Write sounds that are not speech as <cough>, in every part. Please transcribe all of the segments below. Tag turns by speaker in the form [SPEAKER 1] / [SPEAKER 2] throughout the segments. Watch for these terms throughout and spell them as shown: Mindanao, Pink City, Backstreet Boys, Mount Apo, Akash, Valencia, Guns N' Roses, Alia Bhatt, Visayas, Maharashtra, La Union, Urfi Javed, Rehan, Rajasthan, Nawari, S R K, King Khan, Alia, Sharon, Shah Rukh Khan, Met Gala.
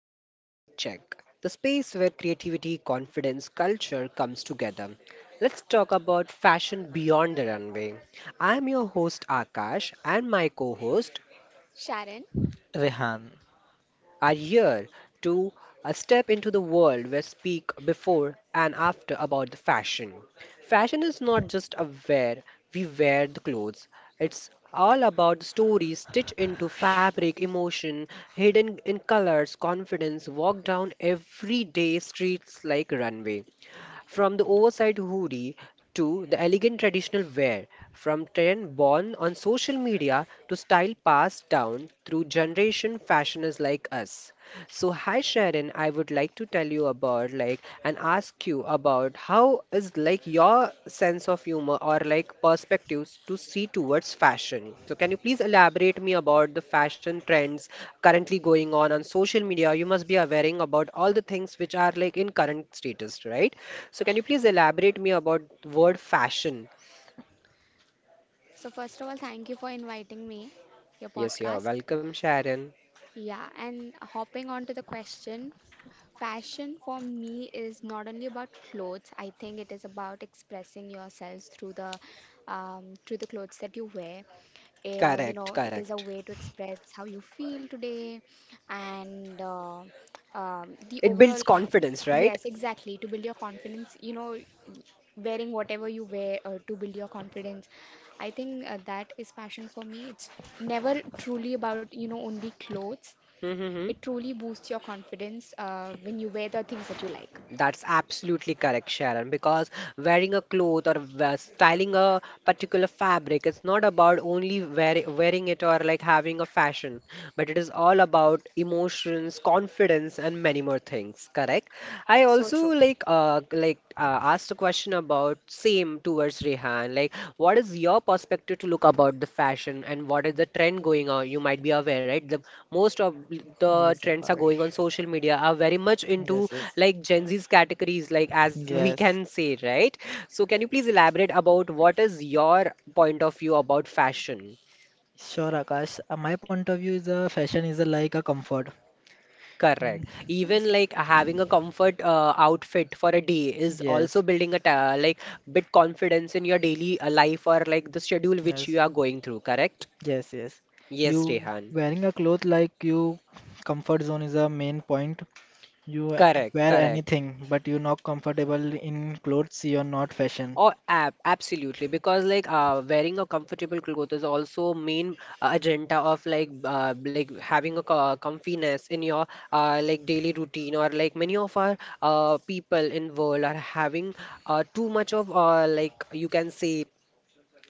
[SPEAKER 1] to the Style Check, the space where creativity, confidence, culture comes together. Let's talk about fashion beyond the runway. I'm your host Akash, and my co host
[SPEAKER 2] Sharon.
[SPEAKER 3] Rehan.
[SPEAKER 1] are here to step into the world where speak before and after about the fashion. Fashion is not just a wear, we wear the clothes. It's all about stories stitched into fabric, emotion, hidden in colors, confidence, walk down everyday streets like runway. From the oversized hoodie to the elegant traditional wear, from trend born on social media to style passed down through generation fashioners like us. So hi Sharon, I would like to tell you about like and ask you about how is like your sense of humor or like perspectives to see towards fashion. So can you please elaborate me about the fashion trends currently going on social media? You must be aware about all the things which are like in current status, right? So can you please elaborate me about word fashion?
[SPEAKER 2] So first of all, thank you for inviting me, your
[SPEAKER 1] Yes, you're
[SPEAKER 2] podcast.
[SPEAKER 1] welcome, Sharon.
[SPEAKER 2] Yeah, and hopping on to the question, fashion for me is not only about clothes. I think it is about expressing yourselves through the clothes that you wear. You know,
[SPEAKER 1] Correct,
[SPEAKER 2] it is a
[SPEAKER 1] correct.
[SPEAKER 2] way to express how you feel today, and the
[SPEAKER 1] It
[SPEAKER 2] overall.
[SPEAKER 1] builds confidence, right?
[SPEAKER 2] Yes, exactly. To build your confidence, you know, wearing whatever you wear to build your confidence. I think that is passion for me. It's never truly about only clothes.
[SPEAKER 1] Mm-hmm.
[SPEAKER 2] It truly boosts your confidence when you wear the things that you like.
[SPEAKER 1] That's absolutely correct, Sharon, because wearing a cloth or styling a particular fabric is not about only wearing it or like having a fashion, but it is all about emotions, confidence, and many more things, correct? I
[SPEAKER 2] So
[SPEAKER 1] also
[SPEAKER 2] true.
[SPEAKER 1] like asked a question about same towards Rehan, like what is your perspective to look about the fashion and what is the trend going on? You might be aware, right? The most of the
[SPEAKER 3] Yes,
[SPEAKER 1] trends are
[SPEAKER 3] Akash.
[SPEAKER 1] going on social media are very much into
[SPEAKER 3] Yes, yes,
[SPEAKER 1] like Gen Z's categories, like as we can
[SPEAKER 3] yes.
[SPEAKER 1] say, right? So can you please elaborate about what is your point of view about fashion?
[SPEAKER 3] Sure, Akash. My point of view is fashion is like a comfort.
[SPEAKER 1] Correct.
[SPEAKER 3] Mm,
[SPEAKER 1] Even like having a comfort outfit for a day is also
[SPEAKER 3] yes,
[SPEAKER 1] building a ta like bit confidence in your daily life or like the schedule which
[SPEAKER 3] yes,
[SPEAKER 1] you are
[SPEAKER 3] yes,
[SPEAKER 1] going through, correct?
[SPEAKER 3] yes, yes.
[SPEAKER 1] Yes,
[SPEAKER 3] You
[SPEAKER 1] Rehan.
[SPEAKER 3] wearing a cloth like you comfort zone is a main point. You
[SPEAKER 1] Correct,
[SPEAKER 3] wear
[SPEAKER 1] correct.
[SPEAKER 3] anything, but you're not comfortable in clothes. You're not fashion.
[SPEAKER 1] Oh, ab absolutely. Because like wearing a comfortable clothes is also main agenda of like having a comfiness in your like daily routine or like many of our people in world are having too much of like you can say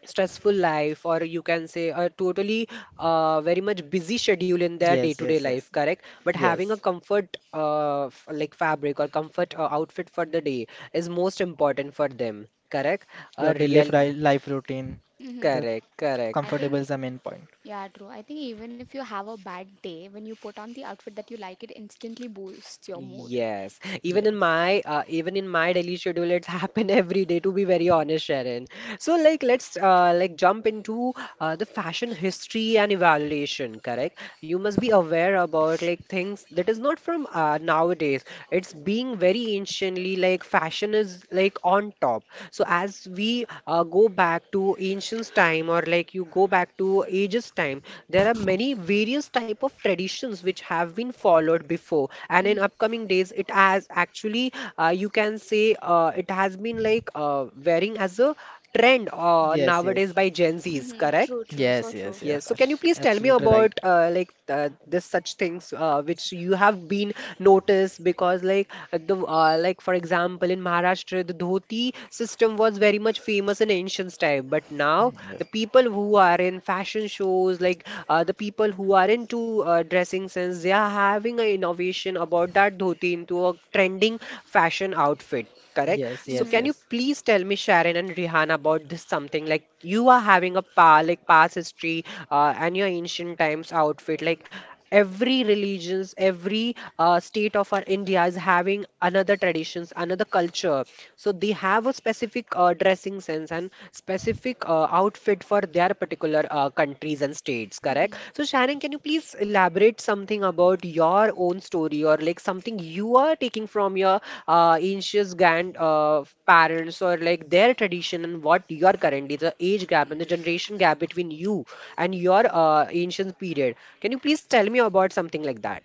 [SPEAKER 1] stressful life or you can say a totally very much busy schedule in their
[SPEAKER 3] Yes,
[SPEAKER 1] day-to-day
[SPEAKER 3] yes,
[SPEAKER 1] life,
[SPEAKER 3] yes,
[SPEAKER 1] correct? But having a
[SPEAKER 3] yes.
[SPEAKER 1] comfort like fabric or comfort outfit for the day is most important for them, correct? A
[SPEAKER 3] Your daily
[SPEAKER 1] real
[SPEAKER 3] life routine,
[SPEAKER 2] Mm-hmm.
[SPEAKER 3] the
[SPEAKER 1] Correct, correct.
[SPEAKER 2] I
[SPEAKER 3] comfortable
[SPEAKER 2] think,
[SPEAKER 3] is the main point.
[SPEAKER 2] yeah, true. I think even if you have a bad day, when you put on the outfit that you like, it instantly boosts your mood.
[SPEAKER 1] Yes, even in
[SPEAKER 3] Yes,
[SPEAKER 1] my daily schedule, it's <laughs> happened every day to be very
[SPEAKER 2] Mhm.
[SPEAKER 1] honest, Sharon. So like let's like jump into the fashion history and evaluation, correct? You must be aware about like things that is not from nowadays. It's being very anciently like fashion is like on top. So as we go back to ancients time or like you go back to ages time, there are many various type of traditions which have been followed before. And in upcoming days it has actually, you can say, it has been like wearing as a trend
[SPEAKER 3] yes,
[SPEAKER 1] nowadays
[SPEAKER 3] yes.
[SPEAKER 1] by Gen Z's, correct?
[SPEAKER 2] True, true, so
[SPEAKER 3] Yes,
[SPEAKER 2] true.
[SPEAKER 3] yes, yes,
[SPEAKER 1] Yes. So, can you
[SPEAKER 3] Akash.
[SPEAKER 1] please tell me
[SPEAKER 3] Absolutely right.
[SPEAKER 1] about like this such things which you have been noticed because like the like for example in Maharashtra the dhoti system was very much famous in ancient time, but now the people who are in fashion shows like the people who are into dressing sense they are having an innovation about that dhoti into a trending fashion outfit, correct?
[SPEAKER 3] Yes,
[SPEAKER 1] So
[SPEAKER 3] yes, yes,
[SPEAKER 2] hmm
[SPEAKER 1] can you
[SPEAKER 3] yes,
[SPEAKER 1] please tell me, Sharon and Rihanna, about this something like you are having a pa like past history and your ancient times outfit, like every religions, every state of our India is having another traditions, another culture. So they have a specific dressing sense and specific outfit for their particular countries and states, correct? So Sharon, can you please elaborate something about your own story or like something you are taking from your ancient grand parents or like their tradition and what you are currently, the age gap and the generation gap between you and your ancient period. Can you please tell me about something like that?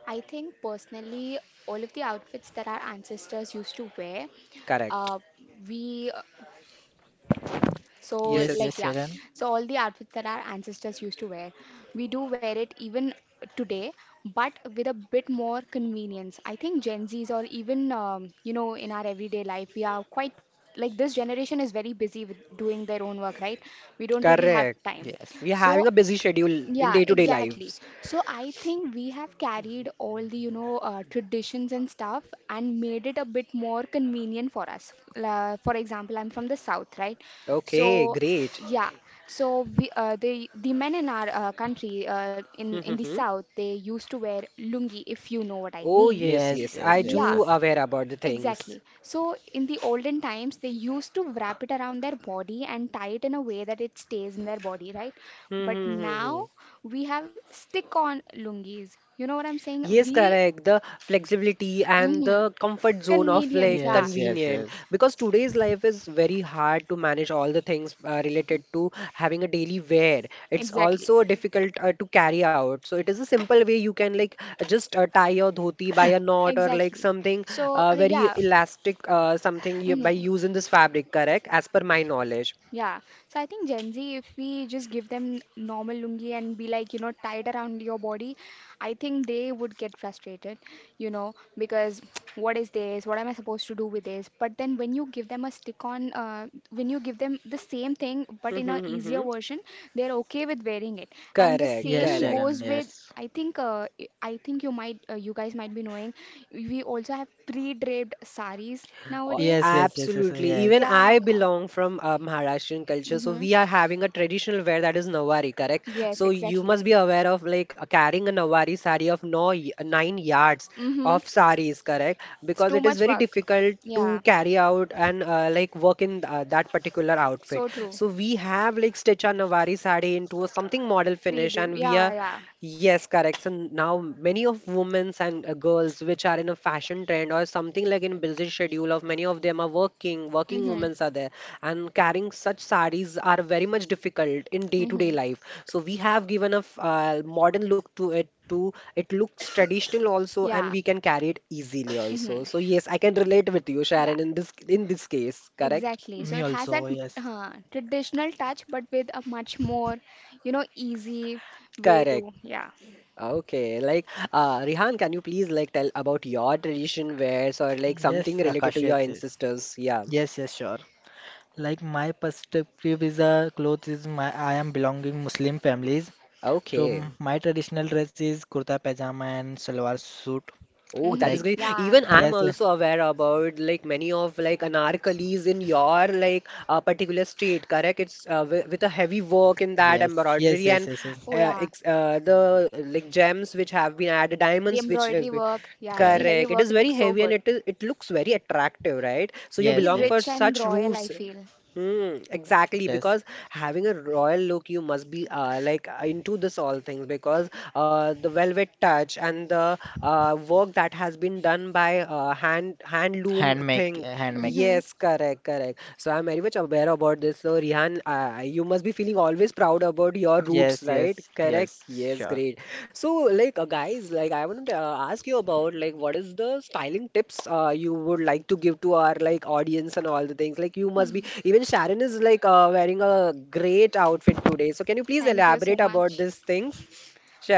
[SPEAKER 2] I think personally, all of the outfits that our ancestors used to wear,
[SPEAKER 1] Correct.
[SPEAKER 2] uh, we so
[SPEAKER 1] Yes,
[SPEAKER 3] yes,
[SPEAKER 1] yes.
[SPEAKER 3] yes,
[SPEAKER 2] like yeah,
[SPEAKER 3] Sharon.
[SPEAKER 2] so all the outfits that our ancestors used to wear, we do wear it even today, but with a bit more convenience. I think Gen Zs or even in our everyday life, we are quite like this generation is very busy with doing their own work, right? We don't really have
[SPEAKER 1] Correct.
[SPEAKER 2] time.
[SPEAKER 3] Yes,
[SPEAKER 1] We are having
[SPEAKER 2] So
[SPEAKER 1] a busy schedule in
[SPEAKER 2] yeah,
[SPEAKER 1] day-to-day
[SPEAKER 2] exactly.
[SPEAKER 1] lives.
[SPEAKER 2] So I think we have carried all the, you know, traditions and stuff and made it a bit more convenient for us. La For example, I'm from the south, right?
[SPEAKER 1] Okay,
[SPEAKER 2] So
[SPEAKER 1] great.
[SPEAKER 2] yeah, so we the men in our country uh, in
[SPEAKER 1] Hmm, hmm,
[SPEAKER 2] in the
[SPEAKER 1] hmm.
[SPEAKER 2] south, they used to wear lungi, if you know what I
[SPEAKER 1] Oh,
[SPEAKER 2] mean.
[SPEAKER 1] yes,
[SPEAKER 3] yes,
[SPEAKER 1] yes.
[SPEAKER 3] yes,
[SPEAKER 1] I
[SPEAKER 3] yes,
[SPEAKER 2] Yeah.
[SPEAKER 1] do
[SPEAKER 3] yes,
[SPEAKER 1] aware about the things.
[SPEAKER 2] Exactly. So in the olden times, they used to wrap it around their body and tie it in a way that it stays in their body, right?
[SPEAKER 1] Hmm,
[SPEAKER 2] But
[SPEAKER 1] hmm, hmm, hmm.
[SPEAKER 2] now we have stick-on lungis. You know what I'm saying?
[SPEAKER 1] Yes,
[SPEAKER 2] We,
[SPEAKER 1] correct. The flexibility and
[SPEAKER 2] hmm
[SPEAKER 1] the comfort zone of
[SPEAKER 2] Convenience,
[SPEAKER 1] like
[SPEAKER 2] yeah,
[SPEAKER 3] yes, yes,
[SPEAKER 1] convenient
[SPEAKER 3] yes,
[SPEAKER 1] because today's life is very hard to manage all the things related to having a daily wear. It's
[SPEAKER 2] exactly,
[SPEAKER 1] also difficult to carry out. So it is a simple way you can like just tie your dhoti by a knot or like
[SPEAKER 2] exactly.
[SPEAKER 1] something
[SPEAKER 2] So
[SPEAKER 1] very
[SPEAKER 2] yeah.
[SPEAKER 1] elastic, something you, by
[SPEAKER 2] hmm
[SPEAKER 1] using this fabric, correct? As per my knowledge.
[SPEAKER 2] Yeah, so I think Gen Z, if we just give them normal lungi and be like, you know, tie it around your body, I think they would get frustrated, you know, because <tsk> what is this? What am I supposed to do with this? But then when you give them a stick on, when you give them the same thing but in a easier
[SPEAKER 1] <laughs>
[SPEAKER 2] version, they're okay with wearing it. And the
[SPEAKER 1] Correct,
[SPEAKER 3] yes,
[SPEAKER 2] same
[SPEAKER 3] Sharon.
[SPEAKER 1] correct.
[SPEAKER 2] goes with.
[SPEAKER 3] Yes,
[SPEAKER 2] I think I think you might you guys might be knowing we also have pre-draped saris
[SPEAKER 1] Oh,
[SPEAKER 2] nowadays.
[SPEAKER 3] yes, yes, yes, yes,
[SPEAKER 1] absolutely.
[SPEAKER 3] yes.
[SPEAKER 1] Even
[SPEAKER 2] Yeah.
[SPEAKER 1] I belong from Maharashtrian culture, so
[SPEAKER 2] Mm-hmm.
[SPEAKER 1] we are having a traditional wear that is Nawari, correct?
[SPEAKER 2] Yes,
[SPEAKER 1] So you
[SPEAKER 2] exactly.
[SPEAKER 1] must be aware of like carrying a Nawari sari of no, 9 yards
[SPEAKER 2] Mm-hmm.
[SPEAKER 1] of saris, correct?
[SPEAKER 2] It's
[SPEAKER 1] Because
[SPEAKER 2] too
[SPEAKER 1] it is
[SPEAKER 2] much
[SPEAKER 1] very
[SPEAKER 2] work.
[SPEAKER 1] difficult
[SPEAKER 2] Yeah,
[SPEAKER 1] to carry out and like work in that particular outfit.
[SPEAKER 2] so true.
[SPEAKER 1] So we have like stitch our Nawari sari into a something model
[SPEAKER 2] Pre
[SPEAKER 1] finish,
[SPEAKER 2] Yeah,
[SPEAKER 1] and we are.
[SPEAKER 2] yeah.
[SPEAKER 1] Yes, correct. So now many of women's and girls which are in a fashion trend or something like in busy schedule of many of them are working,
[SPEAKER 2] Mm-hmm.
[SPEAKER 1] women's are there and carrying such sarees are very much difficult in day-to-day
[SPEAKER 2] Mm-hmm.
[SPEAKER 1] life. So we have given a modern look to it too. It looks traditional also and
[SPEAKER 2] Yeah.
[SPEAKER 1] we can carry it easily also.
[SPEAKER 2] hmm
[SPEAKER 1] So yes, I can relate with you,
[SPEAKER 2] Yeah,
[SPEAKER 1] Sharon, in this case, correct?
[SPEAKER 2] exactly. So
[SPEAKER 3] Me
[SPEAKER 2] it has
[SPEAKER 3] also.
[SPEAKER 2] that
[SPEAKER 3] Yes,
[SPEAKER 2] traditional touch, but with a much more, you know, easy way to,
[SPEAKER 1] Correct.
[SPEAKER 2] yeah.
[SPEAKER 1] Okay, like Rihan, can you please like tell about your tradition wears or like
[SPEAKER 3] yes,
[SPEAKER 1] something related
[SPEAKER 3] Akash.
[SPEAKER 1] to your
[SPEAKER 3] Yes, yes,
[SPEAKER 1] ancestors? Yeah.
[SPEAKER 3] yes, yes, sure. Like my perspective is a clothes is my I am belonging Muslim families. So
[SPEAKER 1] Okay.
[SPEAKER 3] my traditional dress is kurta pajama and salwar suit.
[SPEAKER 1] Oh, that
[SPEAKER 3] Like
[SPEAKER 1] is great.
[SPEAKER 2] Yeah.
[SPEAKER 1] Even I'm
[SPEAKER 3] yes, yes,
[SPEAKER 1] also aware about like many of like anarkalis in your like particular state, correct? It's with a heavy work in that
[SPEAKER 3] yes, yes,
[SPEAKER 1] embroidery
[SPEAKER 3] yes,
[SPEAKER 1] and
[SPEAKER 3] yes, yes.
[SPEAKER 2] Oh, yeah.
[SPEAKER 1] ex the like gems which have been added,
[SPEAKER 2] The
[SPEAKER 1] diamonds which is
[SPEAKER 2] embroidery work, yeah, the
[SPEAKER 3] Yes,
[SPEAKER 2] heavy
[SPEAKER 1] correct. It
[SPEAKER 2] work,
[SPEAKER 1] is
[SPEAKER 2] it
[SPEAKER 1] very
[SPEAKER 2] looks so
[SPEAKER 1] heavy and
[SPEAKER 2] good.
[SPEAKER 1] it looks very attractive, right? So you
[SPEAKER 3] yes,
[SPEAKER 1] belong for
[SPEAKER 3] yes,
[SPEAKER 2] Rich and
[SPEAKER 1] such
[SPEAKER 2] royal, I
[SPEAKER 1] roofs.
[SPEAKER 2] feel.
[SPEAKER 1] Hmm, exactly,
[SPEAKER 3] yes.
[SPEAKER 1] because having a royal look, you must be like into this all things because the velvet touch and the work that has been done by hand handloom loom
[SPEAKER 3] Handmake,
[SPEAKER 1] thing.
[SPEAKER 3] handmake.
[SPEAKER 2] Mm-hmm.
[SPEAKER 1] Yes, correct, correct. So I'm very much aware about this. So Rihan, you must be feeling always proud about your roots,
[SPEAKER 3] Yes,
[SPEAKER 1] right?
[SPEAKER 3] yes,
[SPEAKER 1] Correct.
[SPEAKER 3] yes.
[SPEAKER 1] Yes,
[SPEAKER 3] Sure.
[SPEAKER 1] great. So, like, guys, like, I want to ask you about like, what is the styling tips you would like to give to our like audience and all the things? Like, you must be.
[SPEAKER 2] hmm
[SPEAKER 1] Even Sharon is like wearing a great outfit today. So, can you please
[SPEAKER 2] Thank you so
[SPEAKER 1] elaborate about
[SPEAKER 2] much.
[SPEAKER 1] these things,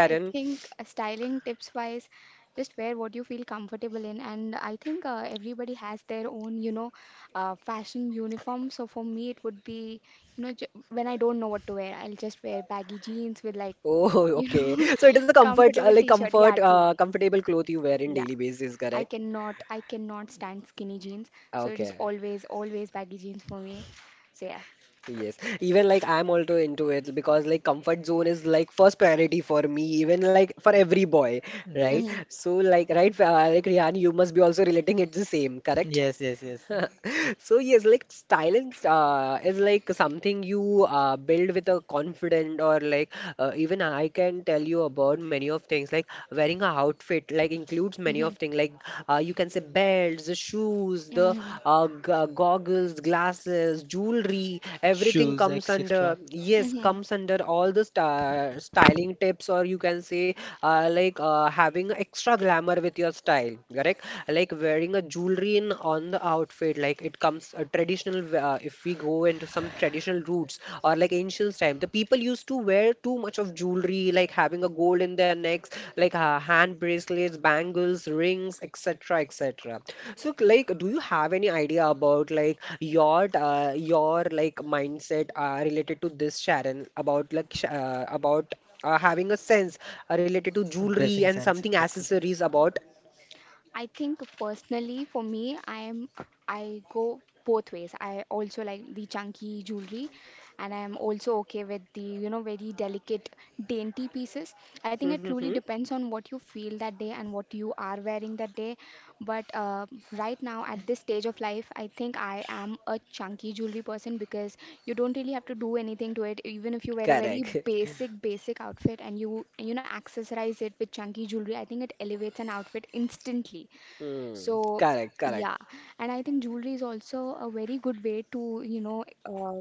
[SPEAKER 2] I think styling tips wise, just wear what you feel comfortable in. And I think everybody has their own, you know, fashion uniform. So for me, it would be, you know, j when I don't know what to wear, I'll just wear baggy jeans with like,
[SPEAKER 1] Oh, <laughs>
[SPEAKER 2] you
[SPEAKER 1] okay.
[SPEAKER 2] know,
[SPEAKER 1] So it is a
[SPEAKER 2] <laughs> comfortable t-shirt. Yeah, true.
[SPEAKER 1] comfortable cloth you wear in
[SPEAKER 2] Yeah.
[SPEAKER 1] daily basis,
[SPEAKER 2] I
[SPEAKER 1] correct?
[SPEAKER 2] cannot, I cannot stand skinny jeans. So it is
[SPEAKER 1] Okay.
[SPEAKER 2] always, always baggy jeans for me. So yeah.
[SPEAKER 1] Yes, even like I'm also into it because like comfort zone is like first priority for me, even like for every boy, right?
[SPEAKER 3] Yes,
[SPEAKER 2] Mm-hmm.
[SPEAKER 1] So like right, like Rihan, you must be also relating it the same, correct? <laughs>
[SPEAKER 3] yes, yes, yes.
[SPEAKER 1] So yes, like silence is like something you build with a confident or like even I can tell you about many of things like wearing a outfit like includes many
[SPEAKER 2] Mm-hmm.
[SPEAKER 1] of things like you can say belts, the shoes, the
[SPEAKER 2] Mhm.
[SPEAKER 1] goggles, glasses, jewelry, everything
[SPEAKER 3] Shoes,
[SPEAKER 1] comes
[SPEAKER 3] etc.
[SPEAKER 1] under yes
[SPEAKER 2] Mhm.
[SPEAKER 1] comes under all the st styling tips or you can say like having extra glamour with your style, correct, like wearing a jewelry in on the outfit like it comes a traditional if we go into some traditional roots or like ancient time the people used to wear too much of jewelry like having a gold in their necks like hand bracelets bangles rings etc etc. So, like, do you have any idea about like your like mindset related to this, Sharon? About like sh- about having a sense related to jewelry
[SPEAKER 3] Dressing
[SPEAKER 1] and
[SPEAKER 3] sense,
[SPEAKER 1] something
[SPEAKER 3] etc.
[SPEAKER 1] accessories about.
[SPEAKER 2] I think personally for me, I go both ways. I also like the chunky jewelry, and I'm also okay with the very delicate, dainty pieces. I think it truly
[SPEAKER 1] Mm-hmm.
[SPEAKER 2] depends on what you feel that day and what you are wearing that day. But right now at this stage of life, I think I am a chunky jewelry person because you don't really have to do anything to it. Even if you wear a very
[SPEAKER 1] Correct. <laughs>
[SPEAKER 2] basic, basic outfit and you know, accessorize it with chunky jewelry, I think it elevates an outfit instantly.
[SPEAKER 1] Hmm.
[SPEAKER 2] So,
[SPEAKER 1] Correct, correct.
[SPEAKER 2] yeah, and I think jewelry is also a very good way to, you know, uh,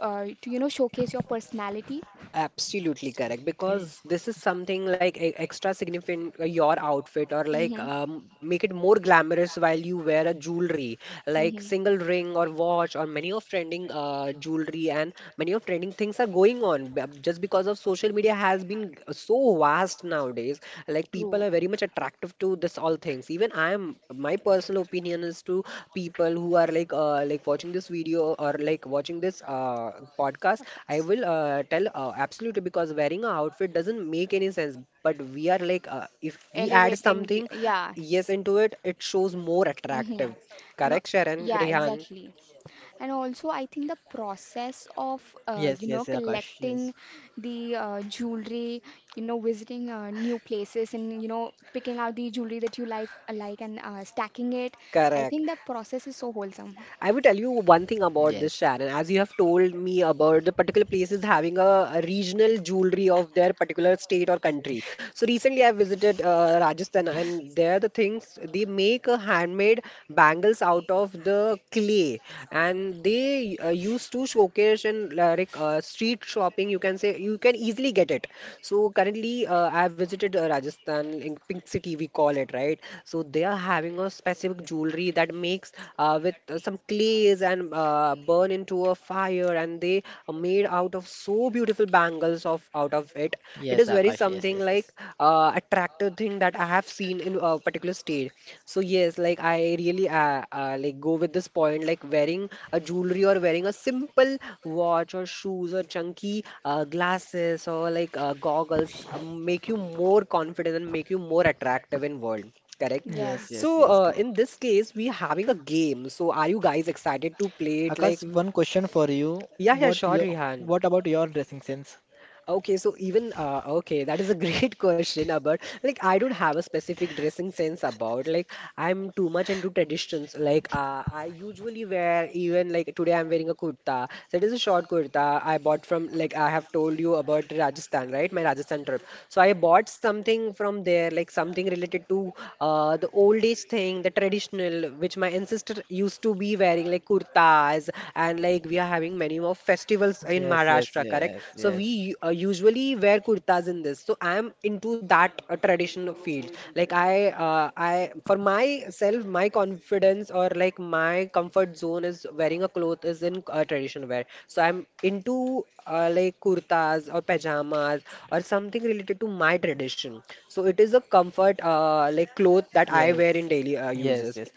[SPEAKER 2] uh, to, you know, showcase your personality.
[SPEAKER 1] Absolutely correct. Because this is something like extra significant your outfit or like
[SPEAKER 2] Mhm.
[SPEAKER 1] make it more glamorous while you wear a jewelry like single ring or watch or many of trending jewelry and many of trending things are going on just because of social media has been so vast nowadays like people
[SPEAKER 2] True.
[SPEAKER 1] are very much attractive to this all things even I am my personal opinion is to people who are like watching this video or like watching this podcast. I will tell absolutely because wearing a outfit doesn't make any sense, but we are like if we add
[SPEAKER 2] Elevating the,
[SPEAKER 1] something
[SPEAKER 2] yeah.
[SPEAKER 1] yes into it it shows more
[SPEAKER 2] Mm-hmm.
[SPEAKER 1] attractive.
[SPEAKER 2] And al-
[SPEAKER 1] Correct, Sharon.
[SPEAKER 2] yeah,
[SPEAKER 1] Rihan,
[SPEAKER 2] exactly.
[SPEAKER 3] Yes, yes,
[SPEAKER 2] And also,
[SPEAKER 3] Akash.
[SPEAKER 2] I think the
[SPEAKER 3] Yes,
[SPEAKER 2] process of you know collecting the jewelry, you know, visiting new places, and you know picking out the jewelry that you like, and stacking it. I
[SPEAKER 1] correct.
[SPEAKER 2] think the process is
[SPEAKER 3] yes,
[SPEAKER 2] so wholesome.
[SPEAKER 1] I will tell you one thing about this, Sharon. As you have told me about the particular places having a regional jewelry of their particular state or country. So recently, I visited Rajasthan, and there the things they make handmade bangles out of the clay, and they used to showcase in like street shopping. You can say you can easily get it. So currently, I visited Rajasthan, in Pink City, we call it, right? So they are having a specific jewelry that makes with some clays and burn into a fire, and they are made out of so beautiful bangles of out of
[SPEAKER 3] yes,
[SPEAKER 1] it.
[SPEAKER 3] Akash.
[SPEAKER 1] It is
[SPEAKER 3] Yes,
[SPEAKER 1] very
[SPEAKER 3] yes, yes.
[SPEAKER 1] something like attractive thing that I have seen in a particular state. So yes, like I really like go with this point, like wearing a jewelry or wearing a simple watch or shoes or chunky glasses or like goggles make you more confident and make you more attractive in world. Correct.
[SPEAKER 3] Yes,
[SPEAKER 2] Yes.
[SPEAKER 3] yes,
[SPEAKER 1] So
[SPEAKER 3] yes. Correct.
[SPEAKER 1] in this case, we having a game. So are you guys excited to play it? Like,
[SPEAKER 3] Akash, one question for you.
[SPEAKER 1] yeah, yeah,
[SPEAKER 3] What
[SPEAKER 1] sure,
[SPEAKER 3] your,
[SPEAKER 1] Rihan.
[SPEAKER 3] what about your dressing sense?
[SPEAKER 1] Okay, so even okay, that is a great <laughs> question about like I don't have a specific dressing sense about like I'm too much into traditions. Like I usually wear even like today I'm wearing a kurta. So it is a short kurta I bought from like I have told you about Rajasthan, right? My Rajasthan trip. So I bought something from there, like something related to the old age thing, the traditional which my ancestor used to be wearing, like kurtas, and like we are having many more festivals in
[SPEAKER 3] Yes, yes,
[SPEAKER 1] Maharashtra, correct?
[SPEAKER 3] yes,
[SPEAKER 1] So
[SPEAKER 3] yes.
[SPEAKER 1] we usually wear kurtas in this. So I am into that traditional field. Like, I for myself, my confidence or like my comfort zone is wearing a cloth is in traditional wear. So I'm into like kurtas or pajamas or something related to my tradition. So it is a comfort like cloth that I
[SPEAKER 3] Yes,
[SPEAKER 1] wear in daily uses.
[SPEAKER 3] yes, yes.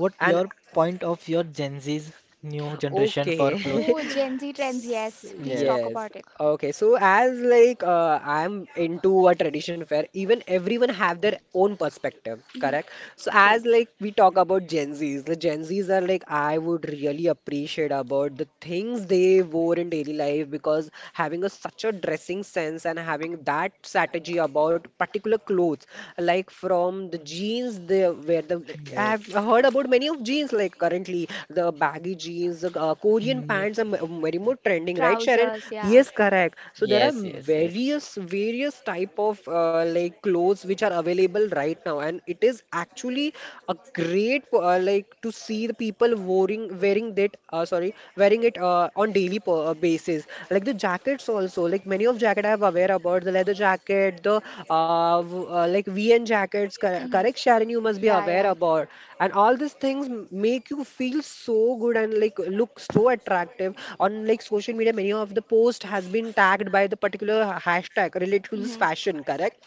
[SPEAKER 3] What
[SPEAKER 1] And
[SPEAKER 3] your point of your Gen Z's new generation
[SPEAKER 1] okay,
[SPEAKER 3] for cloth?
[SPEAKER 2] Oh,
[SPEAKER 1] <laughs>
[SPEAKER 2] Gen Z trends. Yes, please talk
[SPEAKER 3] Yes,
[SPEAKER 1] yes.
[SPEAKER 2] about it.
[SPEAKER 1] Okay. So as like I'm into a tradition fair, even everyone have their own perspective,
[SPEAKER 2] Mhm.
[SPEAKER 1] correct? So
[SPEAKER 2] True.
[SPEAKER 1] as like we talk about Gen Zs, the Gen Zs are like I would really appreciate about the things they wore in daily life because having a such a dressing sense and having that strategy about particular
[SPEAKER 2] Like
[SPEAKER 1] clothes, like from the jeans they where. The,
[SPEAKER 3] yes,
[SPEAKER 1] I've heard about many of jeans like currently the baggy jeans, the
[SPEAKER 3] Mm,
[SPEAKER 1] Korean pants are very more trending, right, Sharon?
[SPEAKER 2] trousers, yeah.
[SPEAKER 1] Yes,
[SPEAKER 3] yes,
[SPEAKER 1] correct.
[SPEAKER 3] yes,
[SPEAKER 1] So there are
[SPEAKER 3] yes.
[SPEAKER 1] various type of like clothes which are available right now, and it is actually a great like to see the people wearing that sorry wearing it on daily basis. Like the jackets also, like many of jacket I have aware about the leather jacket, the like VN jackets. Correct, Sharon, you
[SPEAKER 2] was
[SPEAKER 1] must be
[SPEAKER 2] Yeah,
[SPEAKER 1] aware
[SPEAKER 2] yeah.
[SPEAKER 1] about, and all these things make you feel so good and like look so attractive on like social media. Many of the post has been tagged by the particular hashtag related to this fashion. Correct.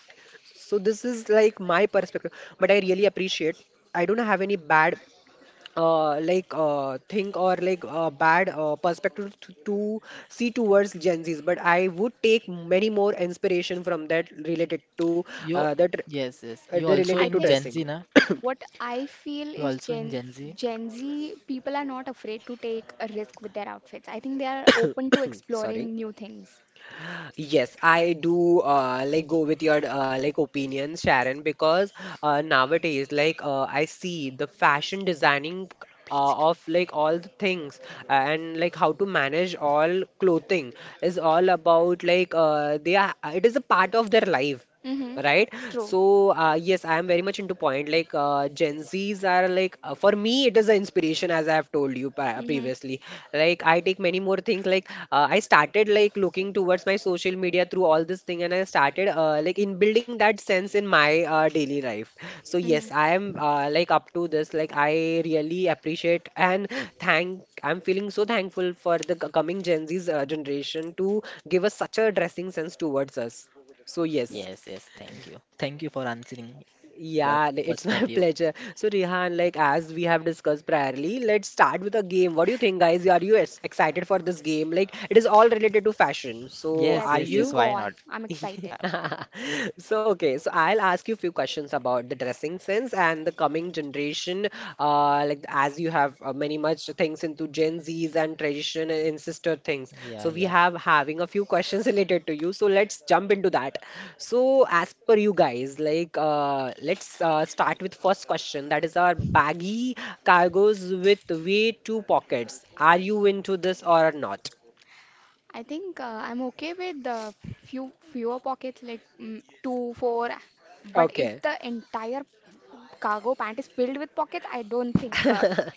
[SPEAKER 1] So this is like my perspective, but I really appreciate. I don't have any bad like think or like bad perspective to see towards Gen Zs, but I would take many more inspiration from that related to
[SPEAKER 3] You,
[SPEAKER 1] that
[SPEAKER 3] yes, yes.
[SPEAKER 1] the
[SPEAKER 3] You also
[SPEAKER 2] I
[SPEAKER 1] related to
[SPEAKER 3] in
[SPEAKER 2] think related
[SPEAKER 3] Gen
[SPEAKER 1] dressing.
[SPEAKER 3] Z,
[SPEAKER 2] to
[SPEAKER 3] na?
[SPEAKER 2] think what I feel
[SPEAKER 3] You
[SPEAKER 2] is
[SPEAKER 3] also in Gen Z?
[SPEAKER 2] Gen Z people are not afraid to take a risk with their outfits. I think they are open to
[SPEAKER 1] Sorry.
[SPEAKER 2] exploring new things.
[SPEAKER 1] Yes, I do like go with your like opinion, Sharon, because nowadays like I see the fashion designing of like all the things and like how to manage all clothing is all about like they are it is a part of their life,
[SPEAKER 2] Mm-hmm.
[SPEAKER 1] right?
[SPEAKER 2] True.
[SPEAKER 1] So yes, I am very much into point like Gen Z's are like for me it is an inspiration as I have told you
[SPEAKER 2] Mm-hmm.
[SPEAKER 1] previously. Like I take many more things like I started like looking towards my social media through all this thing, and I started like in building that sense in my daily life. So
[SPEAKER 2] Mm-hmm.
[SPEAKER 1] yes, I am like up to this like I really appreciate and thank. I'm feeling so thankful for the coming Gen Z's generation to give us such a dressing sense towards us. So yes,
[SPEAKER 3] Yes,
[SPEAKER 2] Yes.
[SPEAKER 3] yes. Thank you. Thank you for answering your
[SPEAKER 1] yeah, it's
[SPEAKER 3] first of
[SPEAKER 1] my <laughs>
[SPEAKER 3] view.
[SPEAKER 1] pleasure. So, Rihan, like as we have discussed priorly, let's start with a game. What do you think, guys? Are you excited for this game? Like, it is all related to fashion. So,
[SPEAKER 3] Yes,
[SPEAKER 2] Yes,
[SPEAKER 1] are
[SPEAKER 3] yes, yes.
[SPEAKER 2] please
[SPEAKER 1] you?
[SPEAKER 2] go
[SPEAKER 3] Why
[SPEAKER 2] on.
[SPEAKER 3] not?
[SPEAKER 2] I'm
[SPEAKER 3] Uh,
[SPEAKER 2] excited.
[SPEAKER 1] Yeah. <laughs> So, okay, so I'll ask you a few questions about the dressing sense and the coming generation. Like as you have many much things into Gen Zs and tradition and sister things.
[SPEAKER 3] Yeah,
[SPEAKER 1] So we
[SPEAKER 3] yeah.
[SPEAKER 1] have having a few questions <laughs> related to you. So let's jump into that. So as per you guys, like let's start with first question. That is our baggy cargos with way two pockets. Are you into this or not?
[SPEAKER 2] I think I'm okay with the fewer pockets like two, four. But if
[SPEAKER 1] Okay.
[SPEAKER 2] the entire cargo pant is filled with pockets, I don't think
[SPEAKER 1] <laughs>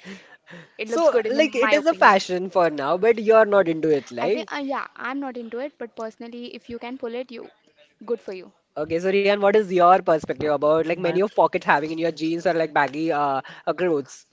[SPEAKER 2] it looks
[SPEAKER 1] So,
[SPEAKER 2] good
[SPEAKER 1] like,
[SPEAKER 2] in
[SPEAKER 1] it
[SPEAKER 2] my
[SPEAKER 1] is a
[SPEAKER 2] opinion.
[SPEAKER 1] fashion for now, but you're not into it,
[SPEAKER 2] I
[SPEAKER 1] like.
[SPEAKER 2] think yeah, I'm not into it. But personally, if you can pull it, you good for you.
[SPEAKER 1] Okay, so Rian, what is your perspective about like
[SPEAKER 3] My it
[SPEAKER 1] many of pocket having in your jeans or like baggy clothes?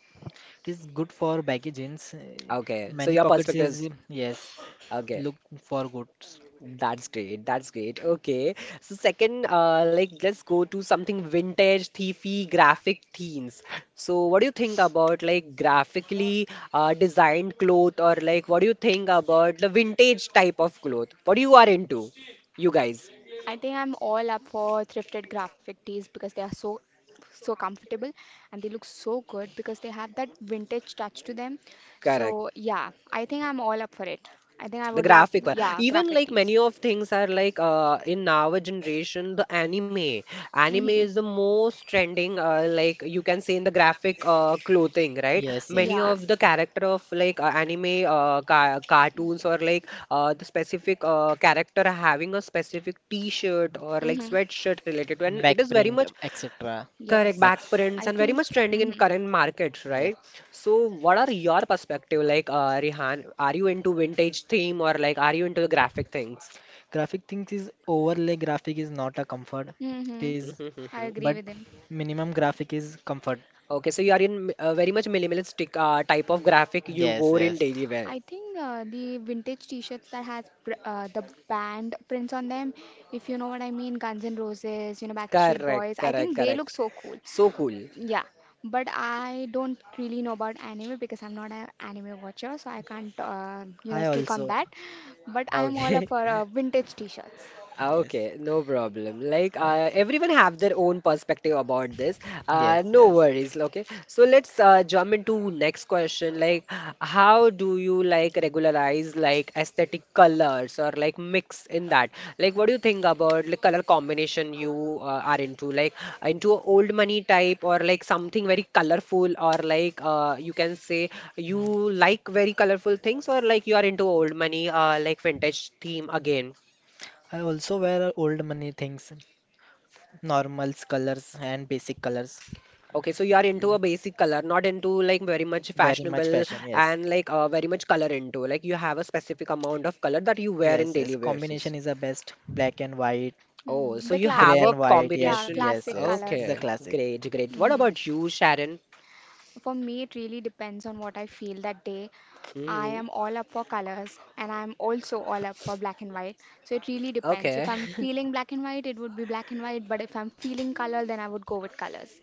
[SPEAKER 3] is good for baggy jeans.
[SPEAKER 1] Okay, so
[SPEAKER 3] Many
[SPEAKER 1] your
[SPEAKER 3] pockets
[SPEAKER 1] perspective is
[SPEAKER 3] is yes.
[SPEAKER 1] okay.
[SPEAKER 3] Look for goods.
[SPEAKER 1] That's great. That's great. Okay. So second, like let's go to something vintage, thiefy, graphic themes. So what do you think about like graphically designed cloth or like what do you think about the vintage type of cloth? What you are into, you guys?
[SPEAKER 2] I think I'm all up for thrifted graphic tees because they are so comfortable and they look so good because they have that vintage touch to them.
[SPEAKER 1] Correct,
[SPEAKER 2] So yeah, I think I'm all up for it. I think I
[SPEAKER 1] the
[SPEAKER 2] would love,
[SPEAKER 1] graphic one.
[SPEAKER 2] yeah,
[SPEAKER 1] Even
[SPEAKER 2] graphic
[SPEAKER 1] like many
[SPEAKER 2] tees.
[SPEAKER 1] of things are like in our generation, the anime. Anime
[SPEAKER 2] Hmm
[SPEAKER 1] is the most trending, like you can say in the graphic clothing, right?
[SPEAKER 3] Yes, yes,
[SPEAKER 1] Many
[SPEAKER 2] Yeah.
[SPEAKER 1] of
[SPEAKER 3] yes.
[SPEAKER 1] the character of like anime ca cartoons or like the specific character having a specific t-shirt or like
[SPEAKER 2] Mm-hmm.
[SPEAKER 1] sweatshirt related to, and
[SPEAKER 3] Back
[SPEAKER 1] it is very
[SPEAKER 3] print,
[SPEAKER 1] much
[SPEAKER 3] etc.
[SPEAKER 1] correct,
[SPEAKER 2] Yes.
[SPEAKER 3] Back,
[SPEAKER 2] I
[SPEAKER 1] backprints and very
[SPEAKER 2] think.
[SPEAKER 1] much trending in
[SPEAKER 2] Mm-hmm.
[SPEAKER 1] current markets,
[SPEAKER 3] yes.
[SPEAKER 1] right? So, what are your perspective? Like, Rihan, are you into vintage theme or like are you into the graphic things?
[SPEAKER 3] Graphic things is overlay graphic is not a comfort. It
[SPEAKER 2] Mm-hmm.
[SPEAKER 3] is,
[SPEAKER 2] I agree
[SPEAKER 3] but
[SPEAKER 1] <laughs>
[SPEAKER 2] with him.
[SPEAKER 3] minimum graphic is comfort.
[SPEAKER 1] Okay, so you are in very much minimalistic type of graphic you
[SPEAKER 3] Yes,
[SPEAKER 1] wore in
[SPEAKER 3] yes.
[SPEAKER 1] daily wear.
[SPEAKER 2] I think the vintage t-shirts that has pr the band prints on them, if you know what I mean, Guns N' Roses, you know, Backstreet
[SPEAKER 1] Correct,
[SPEAKER 2] Boys, I
[SPEAKER 1] correct,
[SPEAKER 2] think they
[SPEAKER 1] correct.
[SPEAKER 2] look so cool.
[SPEAKER 1] So cool.
[SPEAKER 2] Yeah, but I don't really know about anime because I'm not an anime watcher, so I can't, you know,
[SPEAKER 3] I
[SPEAKER 2] speak on
[SPEAKER 3] also,
[SPEAKER 2] that. But I'm all up
[SPEAKER 1] Okay.
[SPEAKER 2] for
[SPEAKER 1] <laughs>
[SPEAKER 2] vintage t-shirts.
[SPEAKER 1] Ah,
[SPEAKER 3] yes,
[SPEAKER 1] okay, no problem. Like
[SPEAKER 3] Al-
[SPEAKER 1] everyone have their own perspective about this.
[SPEAKER 3] yes,
[SPEAKER 1] No
[SPEAKER 3] yes.
[SPEAKER 1] worries. Okay, so let's jump into next question. Like, how do you like regularize like aesthetic colors or like mix in that? Like, what do you think about like color combination you are into? Like into old money type or like something very colorful or like you can say
[SPEAKER 3] Mm.
[SPEAKER 1] you like very colorful things or like you are into old money like vintage theme again.
[SPEAKER 3] I also wear old money things, normals, colors, and basic colors.
[SPEAKER 1] Okay, so you are into a basic color, not into like very much
[SPEAKER 3] Very much
[SPEAKER 1] fashionable
[SPEAKER 3] fashion, yes.
[SPEAKER 1] and like very much color into. Like you have a specific amount of color that you wear in
[SPEAKER 3] Yes, yes.
[SPEAKER 1] daily basis.
[SPEAKER 3] Combination is the best. Black and white,
[SPEAKER 2] Mm,
[SPEAKER 1] Oh, so
[SPEAKER 2] the
[SPEAKER 1] you
[SPEAKER 3] gray
[SPEAKER 1] have a
[SPEAKER 2] classic,
[SPEAKER 3] and white. Yes,
[SPEAKER 2] yeah,
[SPEAKER 1] combination.
[SPEAKER 3] yes,
[SPEAKER 2] classic
[SPEAKER 3] yes.
[SPEAKER 2] colors.
[SPEAKER 3] It's a
[SPEAKER 1] Okay,
[SPEAKER 3] classic.
[SPEAKER 1] great, great. What
[SPEAKER 2] Hmm
[SPEAKER 1] about you, Sharon?
[SPEAKER 2] For me, it really depends on what I feel that day. I
[SPEAKER 1] Hmm.
[SPEAKER 2] am all up for colors and I'm also all up for black and white. So it really depends.
[SPEAKER 1] Okay,
[SPEAKER 2] If I'm feeling black and white, it would be black and white, but if I'm feeling color, then I would go with colors.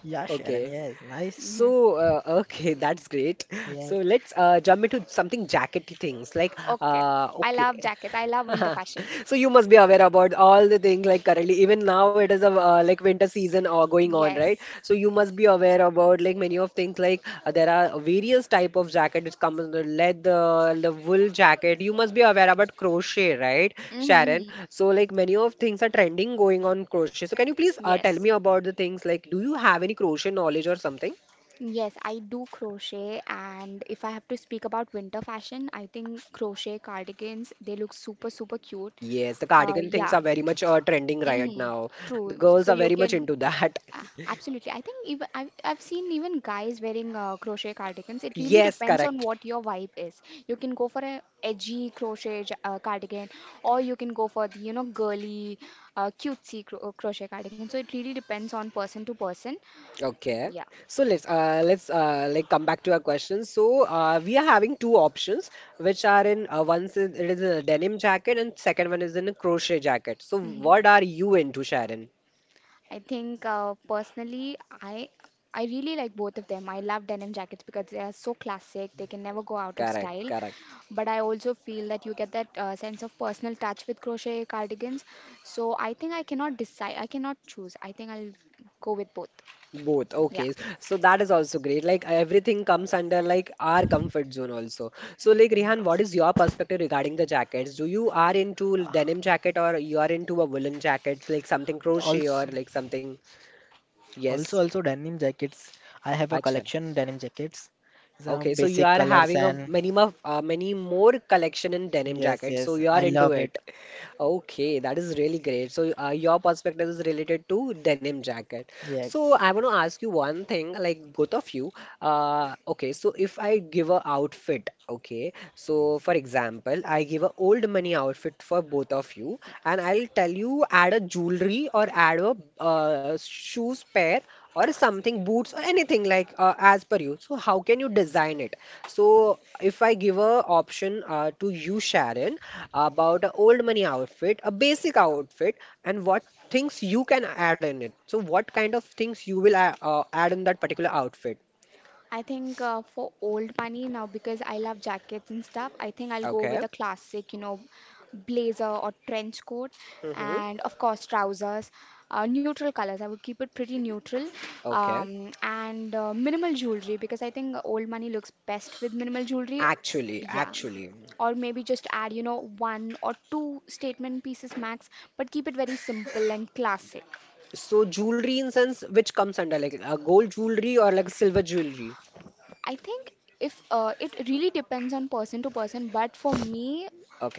[SPEAKER 3] Yeah, Sharon.
[SPEAKER 1] okay.
[SPEAKER 3] Yes, nice.
[SPEAKER 2] Hmm
[SPEAKER 1] So, <laughs> okay, that's great.
[SPEAKER 3] Yes,
[SPEAKER 1] So let's jump into something jackety things like
[SPEAKER 2] Okay. I
[SPEAKER 1] okay.
[SPEAKER 2] love jackets. I love winter
[SPEAKER 1] <laughs>
[SPEAKER 2] fashion.
[SPEAKER 1] So you must be aware about all the things like currently even now it is a like winter season or going on,
[SPEAKER 2] Yes.
[SPEAKER 1] right? So you must be aware about like many of things like there are various type of jacket which comes in the leather, the wool jacket. You must be aware about crochet, right, Sharon?
[SPEAKER 2] Mm-hmm.
[SPEAKER 1] So like many of things are trending going on crochet. So can you please tell
[SPEAKER 2] Yes.
[SPEAKER 1] me about the things like do you have any crochet knowledge or something?
[SPEAKER 2] Yes, I do crochet, and if I have to speak about winter fashion, I think crochet cardigans, they look super, super cute.
[SPEAKER 1] Yes, the cardigan things
[SPEAKER 2] Yeah.
[SPEAKER 1] are very much trending right
[SPEAKER 2] Mm-hmm.
[SPEAKER 1] now. The
[SPEAKER 2] True. So
[SPEAKER 1] girls are
[SPEAKER 2] you
[SPEAKER 1] very
[SPEAKER 2] can
[SPEAKER 1] much into that. <laughs>
[SPEAKER 2] absolutely. I think even I've seen even guys wearing crochet cardigans. It really
[SPEAKER 1] Yes,
[SPEAKER 2] depends on
[SPEAKER 1] correct.
[SPEAKER 2] what your vibe is. You can go for a edgy crochet cardigan, or you can go for the girly, crochet cardigan. So it really depends on person to person.
[SPEAKER 1] Okay.
[SPEAKER 2] Yeah.
[SPEAKER 1] So let's like come back to our question. So we are having two options, which are in one is it is a denim jacket and second one is in a crochet jacket. So
[SPEAKER 2] hmm
[SPEAKER 1] what are you into, Sharon?
[SPEAKER 2] I think personally, I I really like both of them. I love denim jackets because they are so classic; they can never go out of
[SPEAKER 1] Correct,
[SPEAKER 2] style.
[SPEAKER 1] correct.
[SPEAKER 2] But I also feel that you get that sense of personal touch with crochet cardigans. So I think I cannot decide. I cannot choose. I think I'll go with both.
[SPEAKER 1] Both,
[SPEAKER 2] Yeah.
[SPEAKER 1] okay. So that is also great. Like everything comes under like our comfort zone also. So like Rihan,
[SPEAKER 3] yes.
[SPEAKER 1] what is your perspective regarding the jackets? Do you are into
[SPEAKER 3] Uh,
[SPEAKER 1] denim jacket or you are into a woolen jacket, like something crochet or
[SPEAKER 3] Also,
[SPEAKER 1] like something? Yes.
[SPEAKER 3] also, denim jackets. I have a
[SPEAKER 1] Acha.
[SPEAKER 3] collection denim jackets. Some
[SPEAKER 1] Okay, so you
[SPEAKER 3] basic
[SPEAKER 1] are
[SPEAKER 3] colors
[SPEAKER 1] having a
[SPEAKER 3] and
[SPEAKER 1] many more many more collection in denim
[SPEAKER 3] yes,
[SPEAKER 1] jackets, so
[SPEAKER 3] yes.
[SPEAKER 1] you are
[SPEAKER 3] I
[SPEAKER 1] into
[SPEAKER 3] love it.
[SPEAKER 1] it. Okay, that is really great. So your perspective is related to denim jacket. So
[SPEAKER 3] Yes,
[SPEAKER 1] I want to ask you one thing, like both of you. Okay, so if I give a outfit, okay, so for example, I give a old money outfit for both of you, and I'll tell you add a jewelry or add a shoes pair or something boots or anything like as per you, so how can you design it? So if I give a option to you, Sharon, about an old money outfit, a basic outfit, and what things you can add in it? So what kind of things you will add in that particular outfit?
[SPEAKER 2] I think for old money now, because I love jackets and stuff, I think I'll go
[SPEAKER 1] Okay.
[SPEAKER 2] with a classic, you know, blazer or trench coat, and
[SPEAKER 1] Mm-hmm.
[SPEAKER 2] of course trousers, neutral colors. I would keep it pretty neutral,
[SPEAKER 1] Okay.
[SPEAKER 2] and minimal jewelry because I think old money looks best with minimal jewelry.
[SPEAKER 1] Actually,
[SPEAKER 2] Yeah.
[SPEAKER 1] actually.
[SPEAKER 2] Or maybe just add, you know, one or two statement pieces max, but keep it very simple and classic.
[SPEAKER 1] So jewelry in sense, which comes under like a gold jewelry or like silver jewelry.
[SPEAKER 2] I think if it really depends on person to person, but for me,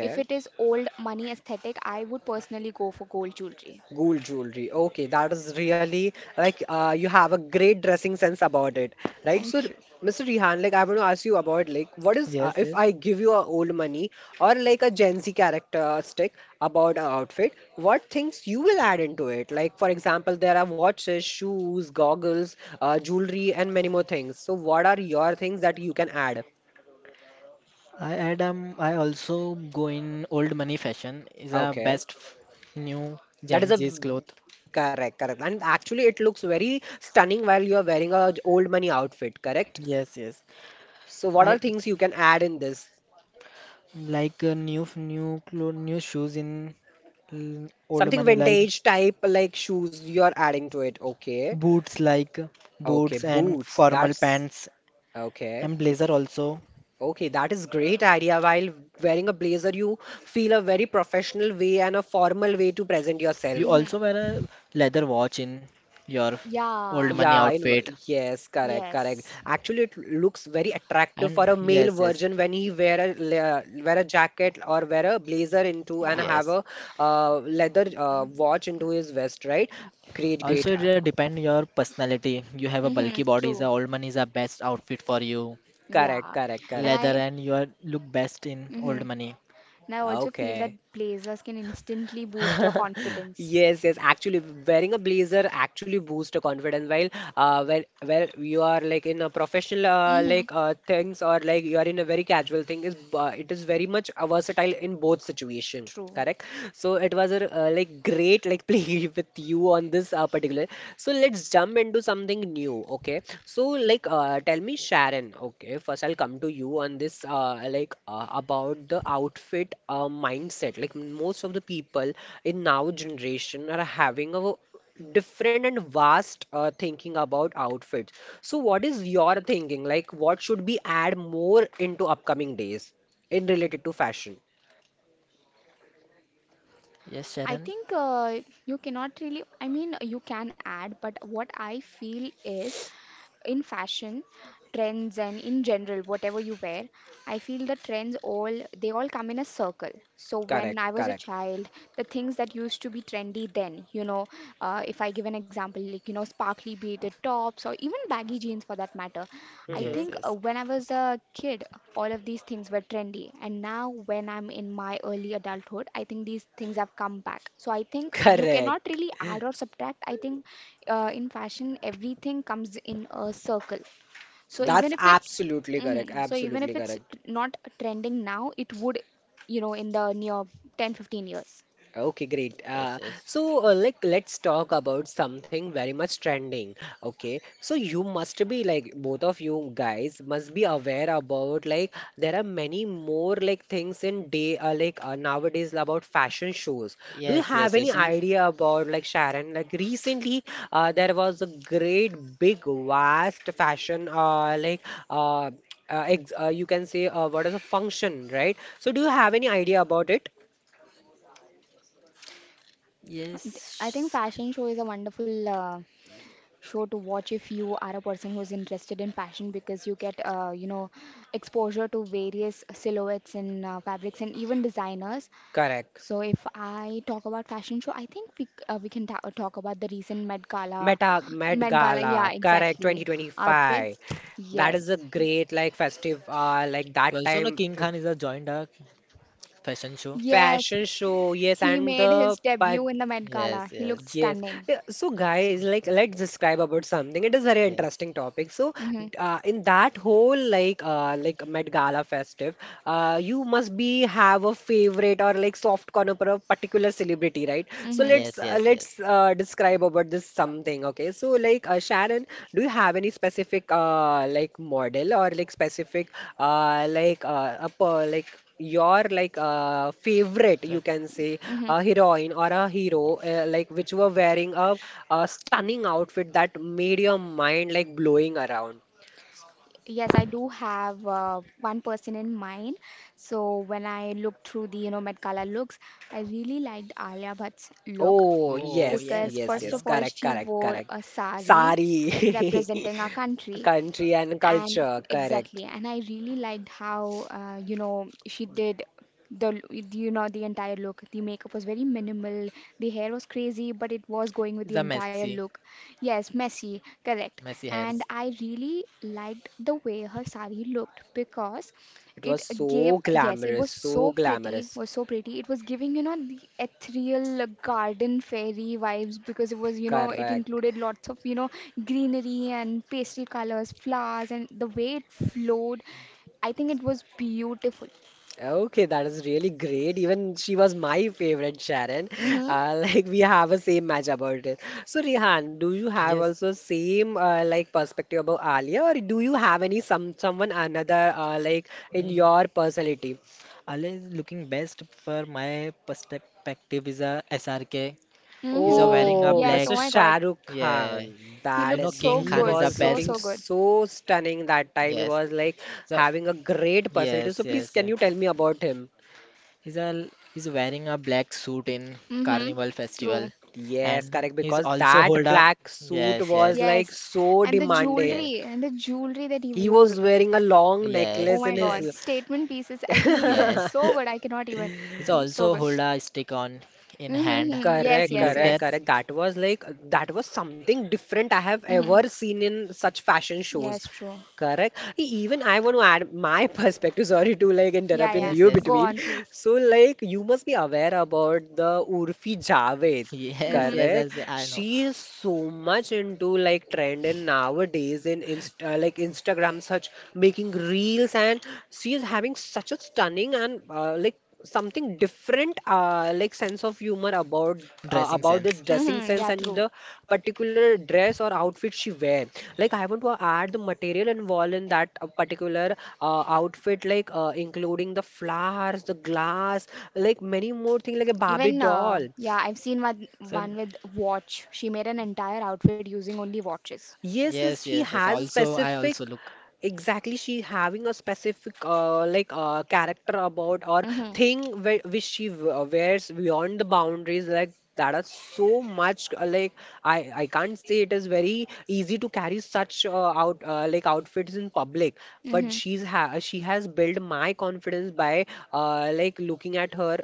[SPEAKER 2] if it is old money aesthetic, I would personally go for gold jewelry.
[SPEAKER 1] Gold jewelry. Okay, that is really like, you have a great dressing sense about it, right? So,
[SPEAKER 2] Thank you.
[SPEAKER 1] Mr. Rihan, like I want to ask you about like what is,
[SPEAKER 3] yes,
[SPEAKER 1] if
[SPEAKER 3] yes.
[SPEAKER 1] I give you a old money or like a Gen Z characteristic about an outfit, what things you will add into it? Like for example, there are watches, shoes, goggles, jewelry, and many more things. So, what are your things that you can add?
[SPEAKER 3] I add. I also go in old money fashion. Is a
[SPEAKER 1] Okay.
[SPEAKER 3] best new
[SPEAKER 1] That is
[SPEAKER 3] Gen
[SPEAKER 1] a
[SPEAKER 3] Z's cloth.
[SPEAKER 1] correct. And actually, it looks very stunning while you are wearing a old money outfit, correct?
[SPEAKER 3] Yes, yes.
[SPEAKER 1] So, what
[SPEAKER 3] I
[SPEAKER 1] are things you can add in this?
[SPEAKER 3] like new clothes, new shoes in old
[SPEAKER 1] Something
[SPEAKER 3] money
[SPEAKER 1] vintage type, like shoes you are adding to it. Okay,
[SPEAKER 3] like
[SPEAKER 1] okay,
[SPEAKER 3] boots and
[SPEAKER 1] boots.
[SPEAKER 3] formal
[SPEAKER 1] That's
[SPEAKER 3] pants.
[SPEAKER 1] okay.
[SPEAKER 3] And blazer also.
[SPEAKER 1] Okay, that is great idea. While wearing a blazer, you feel a very professional way and a formal way to present yourself.
[SPEAKER 3] You also
[SPEAKER 2] Hmm
[SPEAKER 3] wear a leather watch in your old
[SPEAKER 2] Yeah.
[SPEAKER 3] money
[SPEAKER 1] Yeah,
[SPEAKER 3] outfit.
[SPEAKER 1] yes, correct, correct.
[SPEAKER 2] Yes.
[SPEAKER 1] Actually, it looks very attractive
[SPEAKER 3] And
[SPEAKER 1] for a
[SPEAKER 2] Mhm.
[SPEAKER 1] male
[SPEAKER 3] yes, yes.
[SPEAKER 1] version when he wear a wear a jacket or wear a blazer into and
[SPEAKER 2] Yeah.
[SPEAKER 1] have
[SPEAKER 3] Yes.
[SPEAKER 1] a leather watch into his vest, right? Great.
[SPEAKER 3] Also, it depend your personality. You have a bulky
[SPEAKER 2] Mm-hmm,
[SPEAKER 3] body, the
[SPEAKER 2] true.
[SPEAKER 3] old money is the best outfit for you.
[SPEAKER 1] Correct,
[SPEAKER 2] Yeah.
[SPEAKER 1] correct,
[SPEAKER 2] And
[SPEAKER 1] correct.
[SPEAKER 3] Leather
[SPEAKER 2] I
[SPEAKER 3] and you are look best in
[SPEAKER 2] Mm-hmm.
[SPEAKER 3] old money.
[SPEAKER 2] And I also feel that
[SPEAKER 1] Okay.
[SPEAKER 2] blazers can instantly boost your
[SPEAKER 1] <laughs>
[SPEAKER 2] confidence.
[SPEAKER 1] Yes, yes. Actually, wearing a blazer actually boosts the confidence. While when where you are like in a professional like things or like you are in a very casual thing, is it is very much versatile in both situation. Correct. So it was a like great play <laughs> with you on this particular. So let's jump into something new, okay? So like, tell me, Sharon. Okay, first I'll come to you on this, like about the outfit mindset. Like most of the people in now generation are having a different and vast thinking about outfits. So what is your thinking? Like, what should be add more into upcoming days in related to fashion?
[SPEAKER 3] Yes,
[SPEAKER 2] I
[SPEAKER 3] Sharon?
[SPEAKER 2] think you cannot really, I mean, you can add, but what I feel is in fashion, trends, and in general, whatever you wear, I feel the trends all, they all come in a circle. So when
[SPEAKER 1] Correct,
[SPEAKER 2] I was a
[SPEAKER 1] correct.
[SPEAKER 2] child, the things that used to be trendy then, you know, if I give an example, like, you know, sparkly beaded tops or even baggy jeans for that matter, I
[SPEAKER 3] Yes,
[SPEAKER 1] Mm-hmm.
[SPEAKER 2] think
[SPEAKER 3] yes.
[SPEAKER 2] when I was a kid, all of these things were trendy. And now, when I'm in my early adulthood, I think these things have come back. So I
[SPEAKER 1] <laughs>
[SPEAKER 2] think you cannot
[SPEAKER 1] Correct.
[SPEAKER 2] really add or subtract. I think in fashion, everything comes in a circle. So
[SPEAKER 1] That's
[SPEAKER 2] even if it's
[SPEAKER 1] absolutely correct.
[SPEAKER 2] mhm, so even
[SPEAKER 1] Absolutely
[SPEAKER 2] if it's
[SPEAKER 1] correct.
[SPEAKER 2] not trending now, it would, you know, in the near ten fifteen 15 years.
[SPEAKER 1] Okay, great.
[SPEAKER 3] Yes, yes.
[SPEAKER 1] So, like, let's talk about something very much trending. Okay, so you must be like both of you guys must be aware about like there are many more like things in day like nowadays about fashion shows. Do you
[SPEAKER 3] Yes, yes,
[SPEAKER 1] have
[SPEAKER 3] yes.
[SPEAKER 1] any
[SPEAKER 3] You,
[SPEAKER 1] idea about like Sharon? Like recently, there was a great big vast fashion like uh, ex you can say what is a function, right? So, do you have any idea about it?
[SPEAKER 2] I
[SPEAKER 3] yes.
[SPEAKER 2] think fashion show is a wonderful show to watch if you are a person who's interested in fashion because you get, you know, exposure to various silhouettes and fabrics and even designers.
[SPEAKER 1] Correct.
[SPEAKER 2] So if I talk about fashion show, I think we can talk about the recent Met Gala,
[SPEAKER 1] Met
[SPEAKER 2] Met Gala, yeah,
[SPEAKER 1] Gala, correct,
[SPEAKER 2] exactly,
[SPEAKER 1] 2025.
[SPEAKER 2] outfits.
[SPEAKER 1] That is a
[SPEAKER 2] Yes,
[SPEAKER 1] great like festive, like
[SPEAKER 3] You
[SPEAKER 1] that
[SPEAKER 3] also know
[SPEAKER 1] time
[SPEAKER 3] King Khan is a joined a fashion show.
[SPEAKER 2] yes,
[SPEAKER 1] fashion show. Yes,
[SPEAKER 2] he
[SPEAKER 1] and
[SPEAKER 2] made
[SPEAKER 1] the
[SPEAKER 2] his debut in the Met Gala.
[SPEAKER 3] Yes,
[SPEAKER 2] He
[SPEAKER 3] yes.
[SPEAKER 2] looked
[SPEAKER 1] yes.
[SPEAKER 2] stunning.
[SPEAKER 1] Yeah. So guys, like let's describe about something. It is very
[SPEAKER 3] Yes.
[SPEAKER 1] interesting topic. So in that whole like Met Gala festive, you must be have a favorite or like soft corner for a particular celebrity, right?
[SPEAKER 2] Mm-hmm.
[SPEAKER 1] So
[SPEAKER 2] Mm-hmm.
[SPEAKER 3] Yes, yes, yes.
[SPEAKER 1] let's describe about this something. Okay. So like, Sharon, do you have any specific like model or like specific like a per like your like favorite, you
[SPEAKER 3] Fa-
[SPEAKER 1] can say, a heroine or a hero, like which were wearing a stunning outfit that made your mind like blowing around?
[SPEAKER 2] Yes, I do have one person in mind. So when I looked through the, you know, Met Gala looks, I really liked Alia Bhatt's look
[SPEAKER 1] Oh,
[SPEAKER 3] Oh
[SPEAKER 1] yes,
[SPEAKER 2] because
[SPEAKER 3] yes,
[SPEAKER 1] yes,
[SPEAKER 2] first
[SPEAKER 1] yes,
[SPEAKER 3] Alia
[SPEAKER 2] of all,
[SPEAKER 1] correct,
[SPEAKER 2] she
[SPEAKER 1] correct,
[SPEAKER 2] wore
[SPEAKER 1] correct.
[SPEAKER 2] a sari
[SPEAKER 1] Sari. <laughs>
[SPEAKER 2] representing our country.
[SPEAKER 1] Country and
[SPEAKER 2] And
[SPEAKER 1] culture,
[SPEAKER 2] exactly,
[SPEAKER 1] correct.
[SPEAKER 2] and I really liked how, you know, she did the, l- the- you know, the entire look. The makeup was very minimal, the hair was crazy, but it was going with the
[SPEAKER 3] is a
[SPEAKER 2] entire
[SPEAKER 3] messy,
[SPEAKER 2] look. Yes, messy, correct.
[SPEAKER 3] messy
[SPEAKER 2] And
[SPEAKER 3] hairs.
[SPEAKER 2] I really liked the way her sari looked because
[SPEAKER 1] It
[SPEAKER 2] it
[SPEAKER 1] was
[SPEAKER 2] gave,
[SPEAKER 1] so
[SPEAKER 2] yes, it was
[SPEAKER 1] glamorous, so
[SPEAKER 2] so pretty,
[SPEAKER 1] glamorous.
[SPEAKER 2] was so pretty. It was giving, you know, the ethereal garden fairy vibes because it was, you know, it
[SPEAKER 1] Correct.
[SPEAKER 2] included lots of, you know, greenery and pastel colors, flowers, and the way it flowed, I think it was beautiful.
[SPEAKER 1] Okay, that is really great. Even she was my favorite, Sharon.
[SPEAKER 2] Mm-hmm.
[SPEAKER 1] <laughs> Like we have a same match about it. So Rihan, do you have
[SPEAKER 3] Yes,
[SPEAKER 1] also same like perspective about Alia, or do you have any someone another like in
[SPEAKER 3] mm.
[SPEAKER 1] your personality?
[SPEAKER 3] Alia is looking best for my perspective is a SRK. He's a wearing
[SPEAKER 2] Mm-hmm.
[SPEAKER 3] a
[SPEAKER 1] Oh,
[SPEAKER 2] Yes,
[SPEAKER 3] black.
[SPEAKER 2] oh
[SPEAKER 1] Mr.
[SPEAKER 2] my God.
[SPEAKER 1] Shah Rukh
[SPEAKER 3] Yeah,
[SPEAKER 1] Khan,
[SPEAKER 2] He
[SPEAKER 3] you
[SPEAKER 2] looked
[SPEAKER 3] know
[SPEAKER 1] that
[SPEAKER 2] so
[SPEAKER 3] King
[SPEAKER 1] he
[SPEAKER 3] Khan is
[SPEAKER 2] good,
[SPEAKER 3] a
[SPEAKER 1] was
[SPEAKER 2] so, so
[SPEAKER 1] looking
[SPEAKER 3] best.
[SPEAKER 2] good.
[SPEAKER 1] so stunning that time. He
[SPEAKER 3] Yes.
[SPEAKER 1] was like
[SPEAKER 3] So
[SPEAKER 1] having a great personality.
[SPEAKER 3] yes,
[SPEAKER 1] So please,
[SPEAKER 3] yes.
[SPEAKER 1] can
[SPEAKER 3] Eh.
[SPEAKER 1] you tell me about him?
[SPEAKER 3] He's a he's wearing a black suit in
[SPEAKER 2] Mm-hmm.
[SPEAKER 3] Carnival Festival,
[SPEAKER 2] True.
[SPEAKER 1] Yes,
[SPEAKER 3] and
[SPEAKER 1] correct.
[SPEAKER 3] he's
[SPEAKER 1] Because
[SPEAKER 3] also hold
[SPEAKER 1] that
[SPEAKER 3] a
[SPEAKER 1] black suit
[SPEAKER 3] yes, yes,
[SPEAKER 1] was like
[SPEAKER 2] Yes.
[SPEAKER 1] so demanding.
[SPEAKER 3] yes,
[SPEAKER 2] And the jewelry that he
[SPEAKER 1] He
[SPEAKER 2] wore.
[SPEAKER 1] was wearing a long
[SPEAKER 3] yeah,
[SPEAKER 2] Oh
[SPEAKER 1] necklace in
[SPEAKER 2] my
[SPEAKER 1] his.
[SPEAKER 2] God.
[SPEAKER 3] yes,
[SPEAKER 2] Statement pieces. I think he <laughs> looked
[SPEAKER 3] yes.
[SPEAKER 2] so good. I cannot even.
[SPEAKER 3] He
[SPEAKER 2] He- So
[SPEAKER 3] also
[SPEAKER 2] good.
[SPEAKER 3] hold a stick on in hand.
[SPEAKER 1] <laughs>
[SPEAKER 2] Mm-hmm. Yes,
[SPEAKER 1] Correct,
[SPEAKER 3] You
[SPEAKER 2] yes,
[SPEAKER 3] looked
[SPEAKER 1] correct,
[SPEAKER 3] at?
[SPEAKER 2] yes.
[SPEAKER 1] correct. That was like, that was something different I have
[SPEAKER 2] Mm-hmm.
[SPEAKER 1] ever seen in such fashion shows.
[SPEAKER 2] Yes, true.
[SPEAKER 1] Correct. Even I want to add my <laughs> perspective. Sorry to like
[SPEAKER 2] Yeah,
[SPEAKER 1] interrupt in
[SPEAKER 2] yeah.
[SPEAKER 3] Yes,
[SPEAKER 1] you
[SPEAKER 3] yes,
[SPEAKER 2] Go
[SPEAKER 1] between.
[SPEAKER 2] on, please.
[SPEAKER 1] So like you must be aware about the Urfi Javed.
[SPEAKER 3] <laughs> yes,
[SPEAKER 2] Mm-hmm.
[SPEAKER 3] yes,
[SPEAKER 1] Correct.
[SPEAKER 3] yes. I know.
[SPEAKER 1] She is so much into like trend and nowadays in Insta, like Instagram, such making reels, and she is having such a stunning and like something different, like sense of humor
[SPEAKER 3] Dressing
[SPEAKER 1] about the
[SPEAKER 3] sense.
[SPEAKER 1] dressing
[SPEAKER 2] Mm-hmm.
[SPEAKER 1] sense
[SPEAKER 2] Yeah,
[SPEAKER 1] and
[SPEAKER 2] true.
[SPEAKER 1] the particular dress or outfit she wear. Like I want to add the material involved in that particular outfit, like including the flowers, the glass, like many more things, like a Barbie
[SPEAKER 2] Even
[SPEAKER 1] doll.
[SPEAKER 2] yeah, I've seen one
[SPEAKER 3] So
[SPEAKER 2] one with watch. She made an entire outfit using only watches.
[SPEAKER 1] Yes, yes,
[SPEAKER 3] yes,
[SPEAKER 1] she
[SPEAKER 3] yes, yes.
[SPEAKER 1] has a
[SPEAKER 3] Also, I
[SPEAKER 1] specific,
[SPEAKER 3] also look.
[SPEAKER 1] exactly, she having a specific like character about or thing which she wears beyond the boundaries, like that are so much like, I can't say it is very easy to carry such out like outfits in public, but she has built my confidence by like looking at her.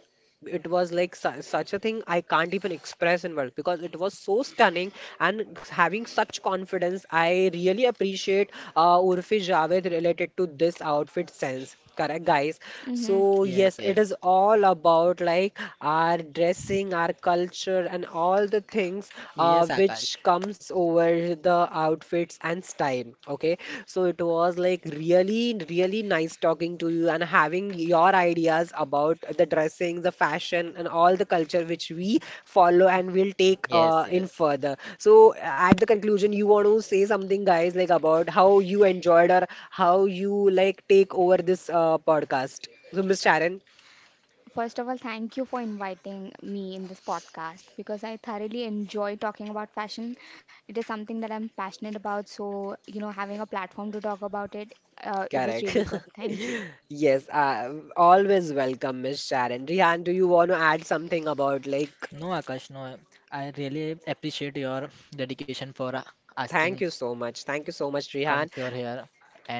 [SPEAKER 1] It was like su such a thing I can't even express in words, because it was so stunning and having such confidence. I really appreciate, Urfi Javed, related to this outfit sense, correct guys? So
[SPEAKER 3] Yes,
[SPEAKER 1] yes, it
[SPEAKER 3] yes,
[SPEAKER 1] is all about like our dressing, our culture, and all the things
[SPEAKER 3] yes,
[SPEAKER 1] which
[SPEAKER 3] Akash.
[SPEAKER 1] which comes over the outfits and style. Okay, so it was like really, really nice talking to you and having your ideas about the dressing, the fashion, and all the culture which we follow and will take,
[SPEAKER 3] Yes,
[SPEAKER 1] in
[SPEAKER 3] yes.
[SPEAKER 1] further. So at the conclusion, you want to say something, guys, like about how you enjoyed or how you like take over this podcast. So, Miss Sharon.
[SPEAKER 2] First of all, thank you for inviting me in this podcast because I thoroughly enjoy talking about fashion. It is something that I'm passionate about, so you know, having a platform to talk about it, it was
[SPEAKER 1] Correct.
[SPEAKER 2] really
[SPEAKER 1] <laughs>
[SPEAKER 2] good. Thank you.
[SPEAKER 1] Yes, always welcome, Miss Sharon. Rihan, do you want to add something about like?
[SPEAKER 3] No, Akash, no. I really appreciate your dedication for
[SPEAKER 1] Thank
[SPEAKER 3] asking.
[SPEAKER 1] you so much. Thank you so much,
[SPEAKER 3] Come
[SPEAKER 1] Rihan.
[SPEAKER 3] for here,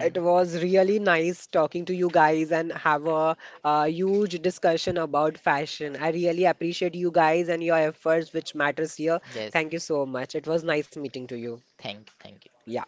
[SPEAKER 1] It was really nice talking to you guys and have a, uh, huge discussion about fashion. I really appreciate you guys and your efforts, which matters here.
[SPEAKER 3] yes,
[SPEAKER 1] Thank you so much. It was nice meeting to you.
[SPEAKER 3] thank you.
[SPEAKER 1] Yeah.